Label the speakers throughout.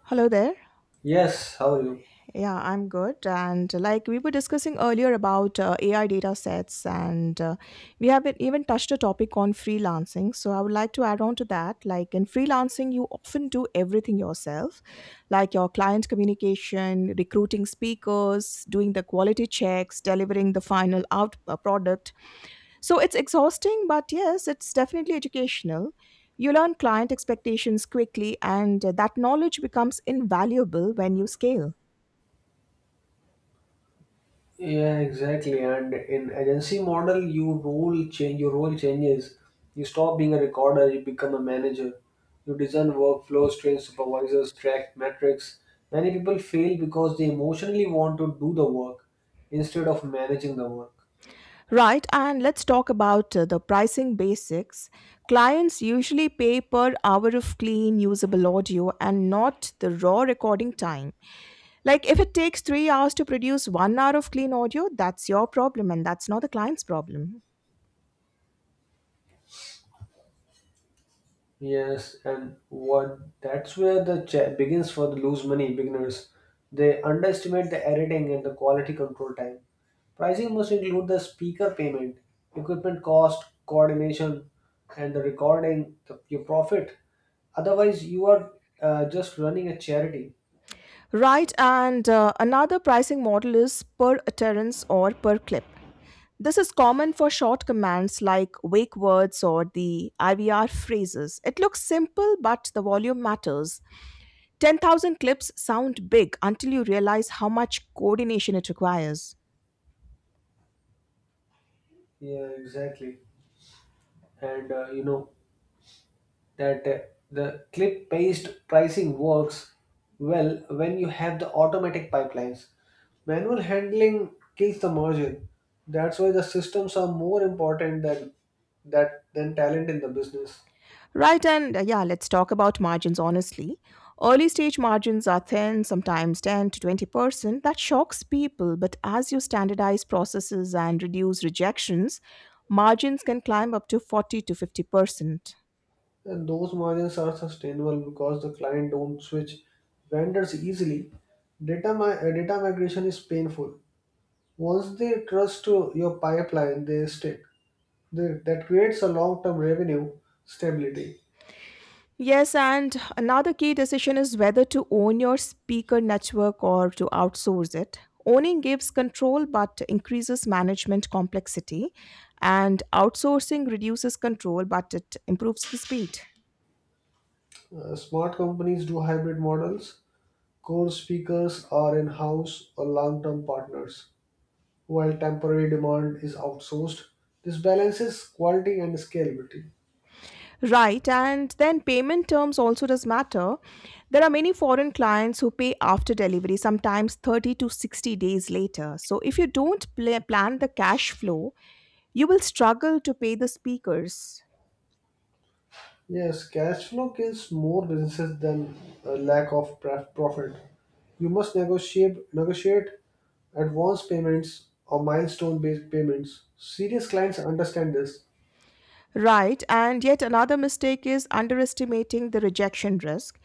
Speaker 1: Hello there.
Speaker 2: Yes, how are you?
Speaker 1: Yeah, I'm good. And like we were discussing earlier about AI data sets, and we have even touched a topic on freelancing. So I would like to add on to that. Like in freelancing, you often do everything yourself, like your client communication, recruiting speakers, doing the quality checks, delivering the final out product. So it's exhausting, but yes, it's definitely educational. You learn client expectations quickly, and that knowledge becomes invaluable when you scale.
Speaker 2: Yeah, exactly. And in agency model, you role change. Your role changes. You stop being a recorder. You become a manager. You design workflows, train supervisors, track metrics. Many people fail because they emotionally want to do the work instead of managing the work.
Speaker 1: Right, and let's talk about the pricing basics. Clients usually pay per hour of clean, usable audio and not the raw recording time. Like, if it takes three hours to produce one hour of clean audio, that's your problem and that's not the client's problem.
Speaker 2: Yes, and what that's where the begins for the lose money beginners. They underestimate the editing and the quality control time. Pricing must include the speaker payment, equipment cost, coordination, and the recording, the, your profit. Otherwise, you are just running a charity.
Speaker 1: Right, and another pricing model is per utterance or per clip. This is common for short commands like wake words or the IVR phrases. It looks simple, but the volume matters. 10,000 clips sound big until you realize how much coordination it requires.
Speaker 2: Yeah, exactly. And that the clip based pricing works well when you have the automatic pipelines. Manual handling kills the margin. That's why the systems are more important than that than talent in the business.
Speaker 1: Right, let's talk about margins honestly. Early stage margins are thin, sometimes 10 to 20%. That shocks people, but as you standardize processes and reduce rejections, margins can climb up to 40 to 50%.
Speaker 2: And those margins are sustainable because the client don't switch vendors easily. Data, data migration is painful. Once they trust to your pipeline, they stick. They, that creates a long-term revenue stability.
Speaker 1: Yes, and another key decision is whether to own your speaker network or to outsource it. Owning gives control but increases management complexity, and outsourcing reduces control but it improves the speed.
Speaker 2: Smart companies do hybrid models. Core speakers are in house or long term partners, while temporary demand is outsourced. This balances quality and scalability.
Speaker 1: Right, and then payment terms also does matter. There are many foreign clients who pay after delivery, sometimes 30 to 60 days later. So if you don't plan the cash flow, you will struggle to pay the speakers.
Speaker 2: Yes, cash flow kills more businesses than a lack of profit. You must negotiate advance payments or milestone based payments. Serious clients understand this.
Speaker 1: Right, and yet another mistake is underestimating the rejection risk.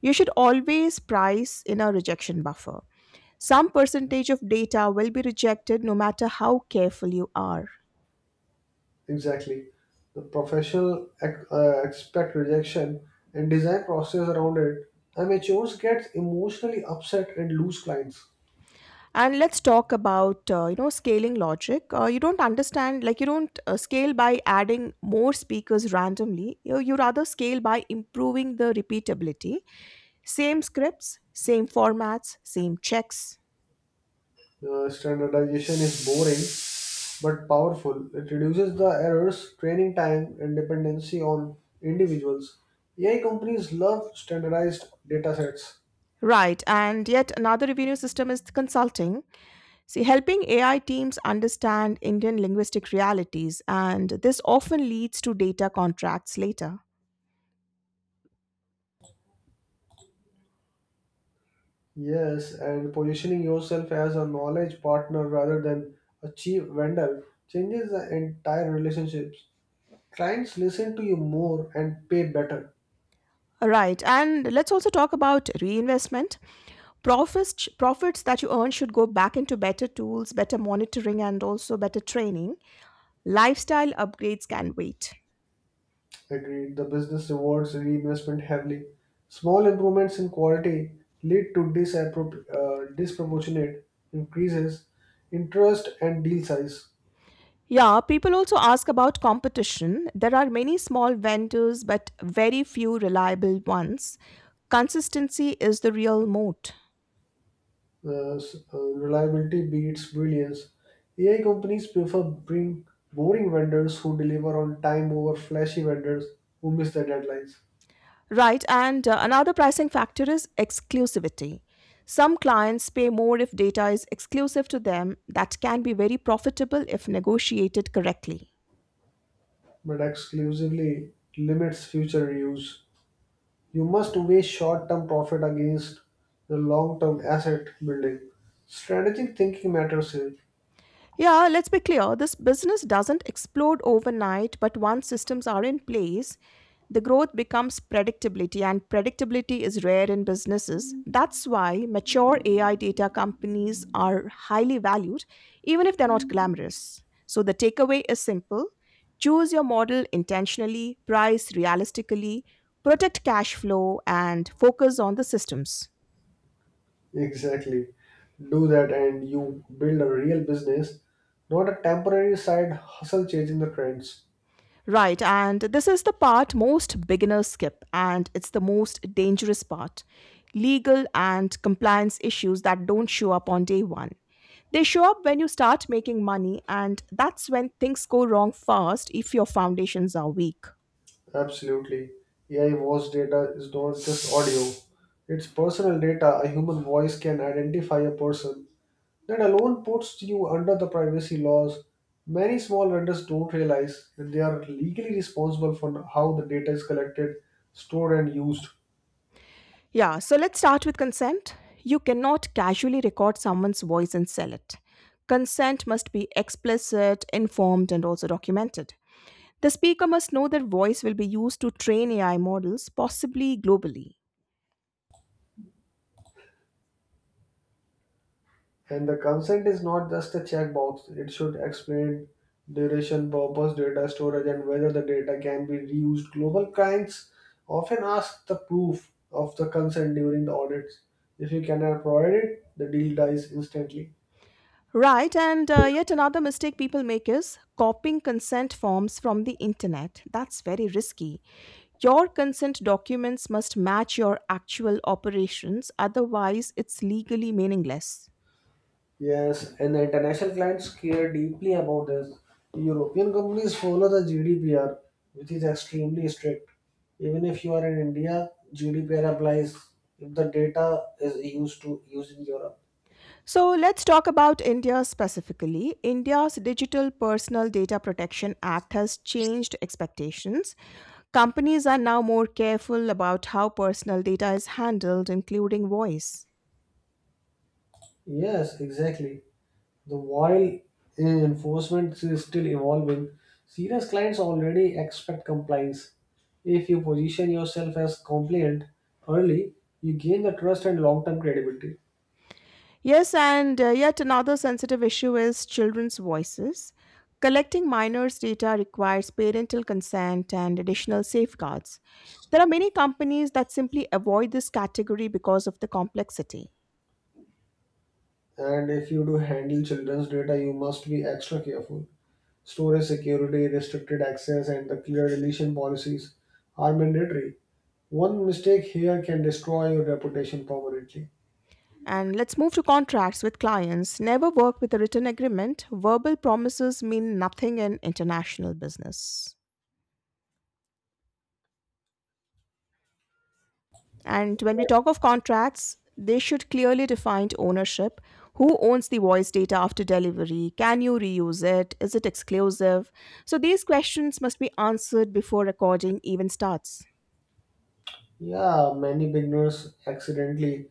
Speaker 1: You should always price in a rejection buffer. Some percentage of data will be rejected no matter how careful you are.
Speaker 2: Exactly. The professional expect rejection and design process around it. Amateurs get emotionally upset and lose clients.
Speaker 1: And let's talk about scaling logic. You don't understand like you don't scale by adding more speakers randomly. You rather scale by improving the repeatability. Same scripts, same formats, same checks.
Speaker 2: Standardization is boring but powerful. It reduces the errors, training time, and dependency on individuals. AI companies love standardized data sets.
Speaker 1: Right, and yet another revenue system is consulting. See, helping AI teams understand Indian linguistic realities, and this often leads to data contracts later.
Speaker 2: Yes, and positioning yourself as a knowledge partner rather than a cheap vendor changes the entire relationships. Clients listen to you more and pay better.
Speaker 1: Right, and let's also talk about reinvestment. Profits that you earn should go back into better tools, better monitoring, and also better training. Lifestyle upgrades can wait.
Speaker 2: Agreed. The business rewards reinvestment heavily. Small improvements in quality lead to disproportionate increases in trust and deal size.
Speaker 1: Yeah, people also ask about competition. There are many small vendors, but very few reliable ones. Consistency is the real moat.
Speaker 2: Reliability beats brilliance. AI companies prefer bring boring vendors who deliver on time over flashy vendors who miss their deadlines,
Speaker 1: Right, and another pricing factor is exclusivity. Some clients pay more if data is exclusive to them, that can be very profitable if negotiated correctly.
Speaker 2: but exclusively limits future reuse. You must weigh short term profit against the long term asset building. Strategic thinking matters here.
Speaker 1: Yeah, let's be clear. This business doesn't explode overnight, but once systems are in place, the growth becomes predictability, and predictability is rare in businesses. That's why mature AI data companies are highly valued, even if they're not glamorous. So the takeaway is simple: choose your model intentionally, price realistically, protect cash flow, and focus on the systems.
Speaker 2: Exactly. Do that and you build a real business, not a temporary side hustle chasing the trends.
Speaker 1: Right, and this is the part most beginners skip, and it's the most dangerous part: legal and compliance issues that don't show up on day one. They show up when you start making money, and that's when things go wrong fast if your foundations are weak.
Speaker 2: Absolutely. AI voice data is not just audio, it's personal data. A human voice can identify a person. That alone puts you under the privacy laws. Many small vendors don't realize that they are legally responsible for how the data is collected, stored, and used.
Speaker 1: Yeah, so let's start with consent. You cannot casually record someone's voice and sell it. Consent must be explicit, informed, and also documented. The speaker must know that voice will be used to train AI models, possibly globally.
Speaker 2: And the consent is not just a checkbox, it should explain duration, purpose, data storage, and whether the data can be reused. Global clients often ask the proof of the consent during the audits. If you cannot provide it, the deal dies instantly.
Speaker 1: Right, and yet another mistake people make is copying consent forms from the internet. That's very risky. Your consent documents must match your actual operations, otherwise, it's legally meaningless.
Speaker 2: Yes, and the international clients care deeply about this. European companies follow the GDPR, which is extremely strict. Even if you are in India, GDPR applies if the data is used to used in Europe.
Speaker 1: So let's talk about India specifically. India's Digital Personal Data Protection Act has changed expectations. Companies are now more careful about how personal data is handled, including voice.
Speaker 2: Yes, exactly. The while enforcement is still evolving, serious clients already expect compliance. If you position yourself as compliant early, you gain the trust and long-term credibility.
Speaker 1: Yes, and yet another sensitive issue is children's voices. Collecting minors' data requires parental consent and additional safeguards. There are many companies that simply avoid this category because of the complexity.
Speaker 2: And if you do handle children's data, you must be extra careful. Storage security, restricted access, and the clear deletion policies are mandatory. One mistake here can destroy your reputation permanently.
Speaker 1: And let's move to contracts with clients. Never work with a written agreement. Verbal promises mean nothing in international business. And when we talk of contracts, they should clearly define ownership. Who owns the voice data after delivery? Can you reuse it? Is it exclusive? So these questions must be answered before recording even starts.
Speaker 2: Yeah, many beginners accidentally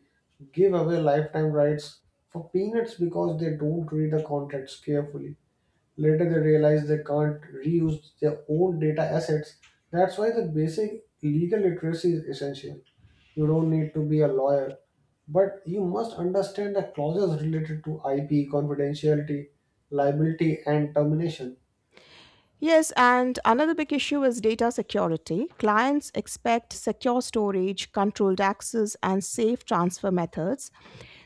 Speaker 2: give away lifetime rights for peanuts because they don't read the contracts carefully. Later, they realize they can't reuse their own data assets. That's why the basic legal literacy is essential. You don't need to be a lawyer, but you must understand the clauses related to IP, confidentiality, liability, and termination.
Speaker 1: Yes, and another big issue is data security. Clients expect secure storage, controlled access, and safe transfer methods.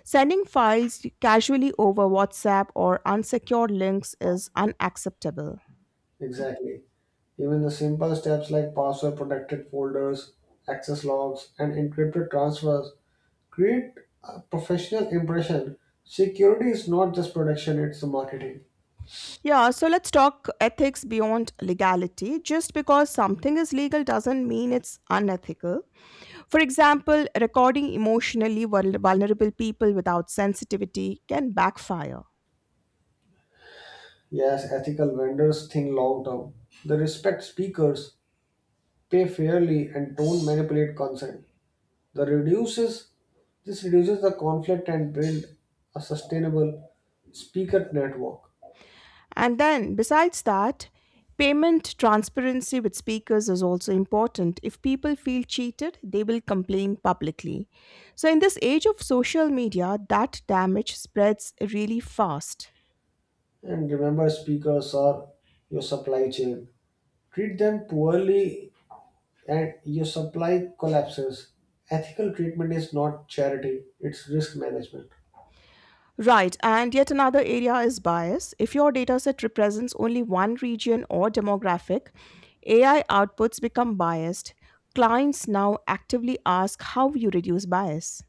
Speaker 1: Sending files casually over WhatsApp or unsecured links is unacceptable.
Speaker 2: Exactly. Even the simple steps like password protected folders, access logs, and encrypted transfers create a professional impression. Security is not just protection, it's the marketing.
Speaker 1: Yeah, so let's talk ethics beyond legality. Just because something is legal doesn't mean it's unethical. For example, recording emotionally vulnerable people without sensitivity can backfire.
Speaker 2: Yes, ethical vendors think long term. They respect speakers, pay fairly, and don't manipulate consent. The reduces This reduces the conflict and build a sustainable speaker network.
Speaker 1: And then, besides that, payment transparency with speakers is also important. If people feel cheated, they will complain publicly. So, in this age of social media, that damage spreads really fast.
Speaker 2: And remember, speakers are your supply chain. Treat them poorly, and your supply collapses. Ethical treatment is not charity; it's risk management.
Speaker 1: Right, and yet another area is bias. If your dataset represents only one region or demographic, AI outputs become biased. Clients now actively ask how you reduce bias.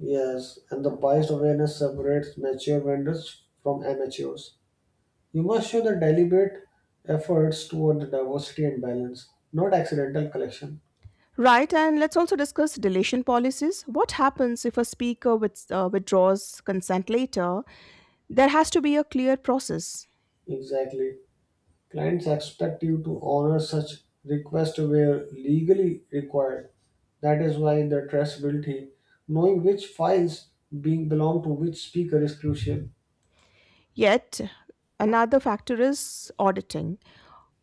Speaker 2: Yes, and the biased awareness separates mature vendors from amateurs. You must show the deliberate efforts toward the diversity and balance, not accidental collection.
Speaker 1: Right, and let's also discuss deletion policies. What happens if a speaker withdraws consent later? There has to be a clear process.
Speaker 2: Exactly. Clients expect you to honor such requests where legally required. That is why the traceability, knowing which files being belong to which speaker is crucial.
Speaker 1: Yet, another factor is auditing.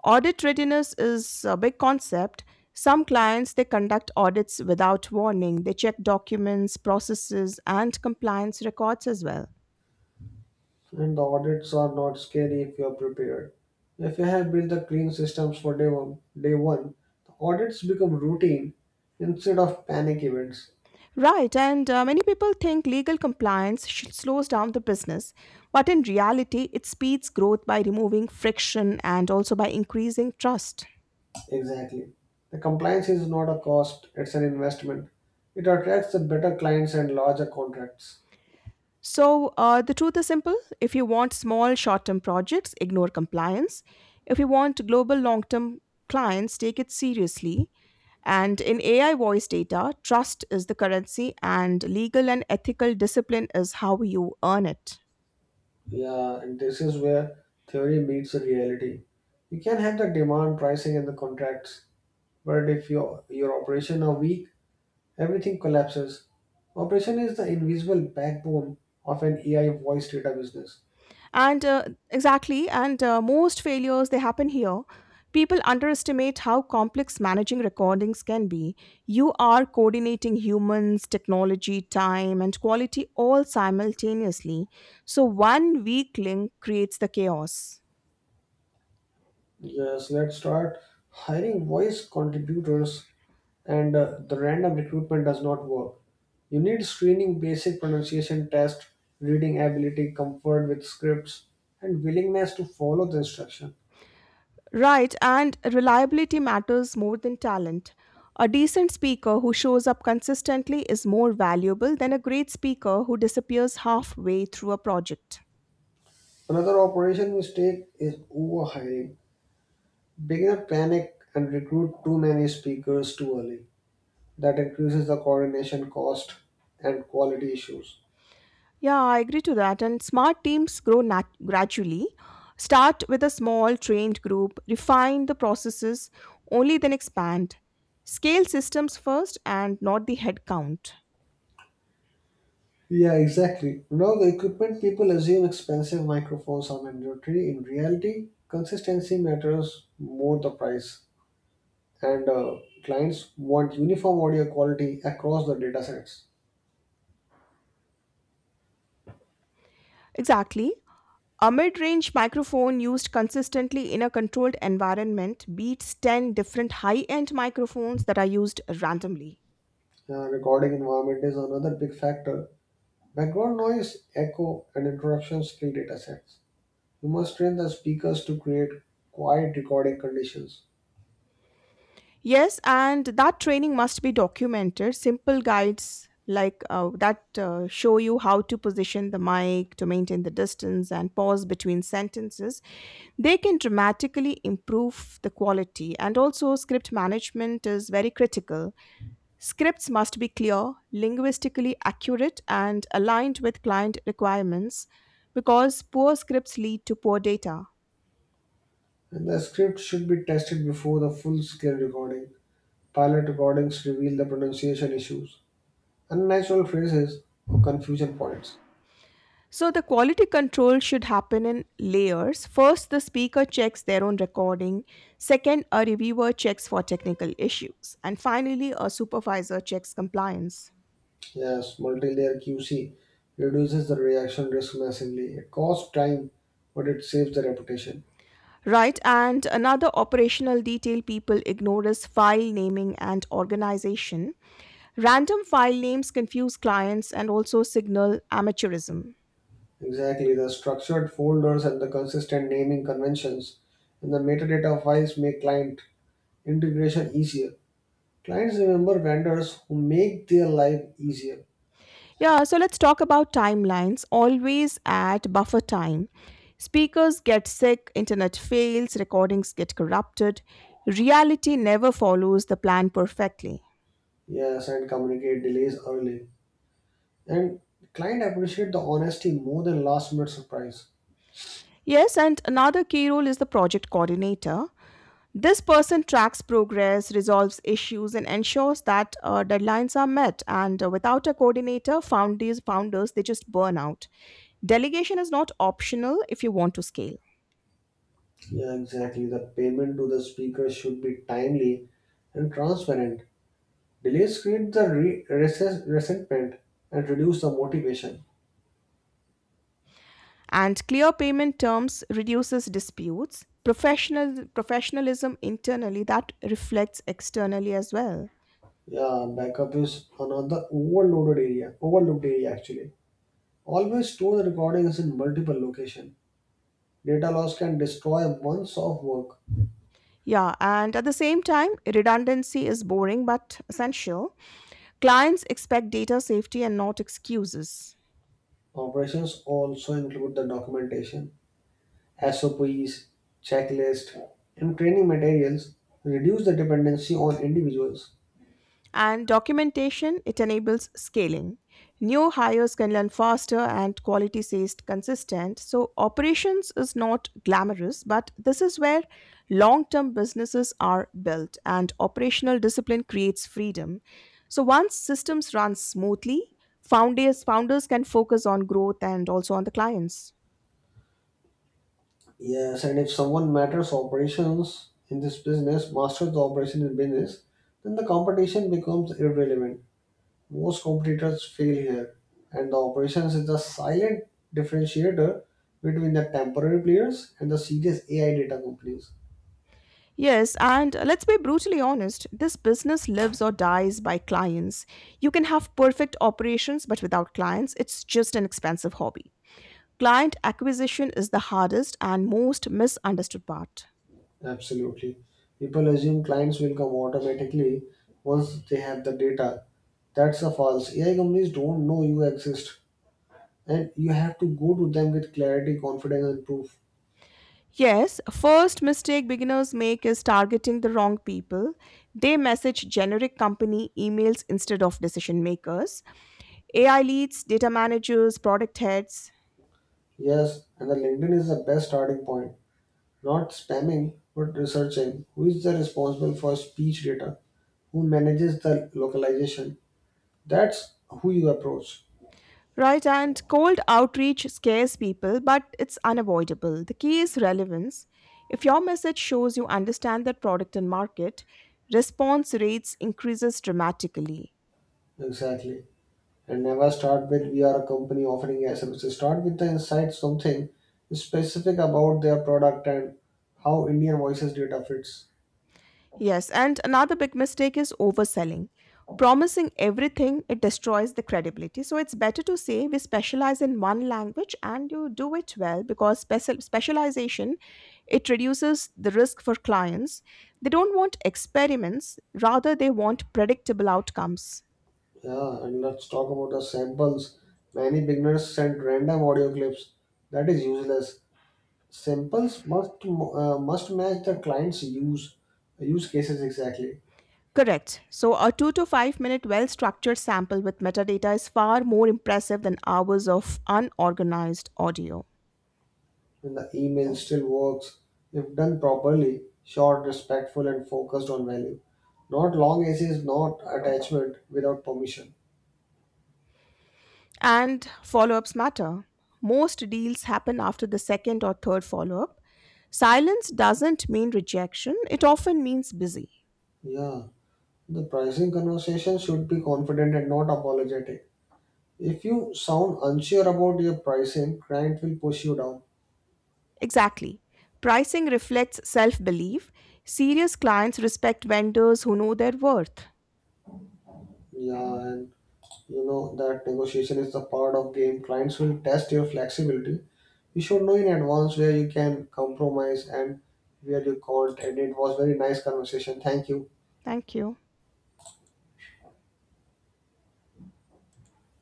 Speaker 1: Audit readiness is a big concept. Some clients they conduct audits without warning. They check documents, processes, and compliance records as well.
Speaker 2: And the audits are not scary if you are prepared. If you have built the clean systems for day one, the audits become routine instead of panic events.
Speaker 1: Right, and many people think legal compliance slows down the business, but in reality, it speeds growth by removing friction and also by increasing trust.
Speaker 2: Exactly. The compliance is not a cost, it's an investment. It attracts the better clients and larger contracts.
Speaker 1: So, the truth is simple: if you want small, short term projects, ignore compliance. If you want global, long term clients, take it seriously. And in AI voice data, trust is the currency, and legal and ethical discipline is how you earn it.
Speaker 2: Yeah, and this is where theory meets the reality. You can have the demand, pricing, and the contracts, but if your operation are weak, everything collapses. Operation is the invisible backbone of an AI voice data business.
Speaker 1: And exactly and most failures they happen here. People underestimate how complex managing recordings can be. You are coordinating humans, technology, time and quality all simultaneously, so one weak link creates the chaos.
Speaker 2: Yes, let's start hiring voice contributors, and the random recruitment does not work. You need screening, basic pronunciation test, reading ability, comfort with scripts, and willingness to follow the instruction.
Speaker 1: Right, and reliability matters more than talent. A decent speaker who shows up consistently is more valuable than a great speaker who disappears halfway through a project.
Speaker 2: Another operation mistake is overhiring. Beginner panic and recruit too many speakers too early. That increases the coordination cost and quality issues.
Speaker 1: Yeah, I agree to that. And smart teams grow gradually. Start with a small, trained group, refine the processes, only then expand. Scale systems first and not the headcount.
Speaker 2: Yeah, exactly. Now the equipment people assume expensive microphones are mandatory. In reality, consistency matters more the price. And Clients want uniform audio quality across the data sets.
Speaker 1: Exactly. A mid range microphone used consistently in a controlled environment beats 10 different high end microphones that are used randomly.
Speaker 2: Recording environment is another big factor. Background noise, echo, and interruptions kill data sets. You must train the speakers to create quiet recording conditions.
Speaker 1: Yes, and that training must be documented. Simple guides like that show you how to position the mic, to maintain the distance, and pause between sentences. They can dramatically improve the quality. And also, script management is very critical. Scripts must be clear, linguistically accurate, and aligned with client requirements because poor scripts lead to poor data.
Speaker 2: And the script should be tested before the full scale recording. Pilot recordings reveal the pronunciation issues, unnatural phrases, or confusion points.
Speaker 1: So, the quality control should happen in layers. First, the speaker checks their own recording. Second, a reviewer checks for technical issues. And finally, a supervisor checks compliance.
Speaker 2: Yes, multi-layer QC reduces the reaction risk massively. It costs time, but it saves the reputation.
Speaker 1: Right, and another operational detail people ignore is file naming and organization. Random file names confuse clients and also signal amateurism.
Speaker 2: Exactly, the structured folders and the consistent naming conventions and the metadata files make client integration easier. Clients remember vendors who make their life easier.
Speaker 1: Yeah, so let's talk about timelines. Always at buffer time. Speakers get sick, internet fails, recordings get corrupted. Reality never follows the plan perfectly.
Speaker 2: Yes, and communicate delays early. And client appreciate the honesty more than last minute surprise.
Speaker 1: Yes, and another key role is the project coordinator. This person tracks progress, resolves issues, and ensures that deadlines are met. And without a coordinator, founders they just burn out. Delegation is not optional if you want to scale.
Speaker 2: Yeah, exactly. The payment to the speaker should be timely and transparent. Delays create the resentment and reduce the motivation.
Speaker 1: And clear payment terms reduces disputes. Professionalism internally, that reflects externally as well.
Speaker 2: Yeah, backup is another overlooked area actually. Always store the recordings in multiple location. Data loss can destroy months of work.
Speaker 1: Yeah, and at the same time redundancy is boring but essential. Clients expect data safety and not excuses.
Speaker 2: Operations also include the documentation, SOPs, checklist, and training materials. Reduce the dependency on individuals.
Speaker 1: And documentation, it enables scaling. New hires can learn faster and quality stays consistent. So operations is not glamorous, but this is where long term businesses are built, and operational discipline creates freedom. So once systems run smoothly, founders can focus on growth and also on the clients.
Speaker 2: Yes, and if someone matters operations in this business, masters the operation in business, then the competition becomes irrelevant. Most competitors fail here, and the operations is the silent differentiator between the temporary players and the serious AI data companies.
Speaker 1: Yes, and let's be brutally honest, this business lives or dies by clients. You can have perfect operations, but without clients, it's just an expensive hobby. Client acquisition is the hardest and most misunderstood part.
Speaker 2: Absolutely. People assume clients will come automatically once they have the data. That's a false. AI companies don't know you exist, and you have to go to them with clarity, confidence, and proof.
Speaker 1: Yes, first mistake beginners make is targeting the wrong people. They message generic company emails instead of decision makers, AI leads, data managers, product heads.
Speaker 2: Yes, and the LinkedIn is the best starting point. Not spamming, but researching who is the responsible for speech data, who manages the localization. That's who you approach.
Speaker 1: Right, and cold outreach scares people, but it's unavoidable. The key is relevance. If your message shows you understand that product and market, response rates increases dramatically.
Speaker 2: Exactly. And never start with we are a company offering AI services. Start with the insight something specific about their product and how Indian voices data fits.
Speaker 1: Yes, and another big mistake is overselling. Promising everything, it destroys the credibility. So it's better to say we specialize in one language and you do it well, because specialization it reduces the risk for clients. They don't want experiments, rather they want predictable outcomes.
Speaker 2: Yeah, and let's talk about the samples. Many beginners send random audio clips. That is useless. Samples must must match the client's use cases exactly.
Speaker 1: Correct. So a 2 to 5 minute well structured sample with metadata is far more impressive than hours of unorganized audio.
Speaker 2: And the email still works if done properly, short, respectful, and focused on value. Not long essays, not attachment without permission.
Speaker 1: And follow ups matter. Most deals happen after the second or third follow up. Silence doesn't mean rejection, it often means busy.
Speaker 2: Yeah, the pricing conversation should be confident and not apologetic. If you sound unsure about your pricing, client will push you down.
Speaker 1: Exactly. Pricing reflects self belief. Serious clients respect vendors who know their worth.
Speaker 2: Yeah, and you know that negotiation is the part of game. Clients will test your flexibility you should know in advance where you can compromise and where you can't and it was very nice conversation thank you.
Speaker 1: Thank you.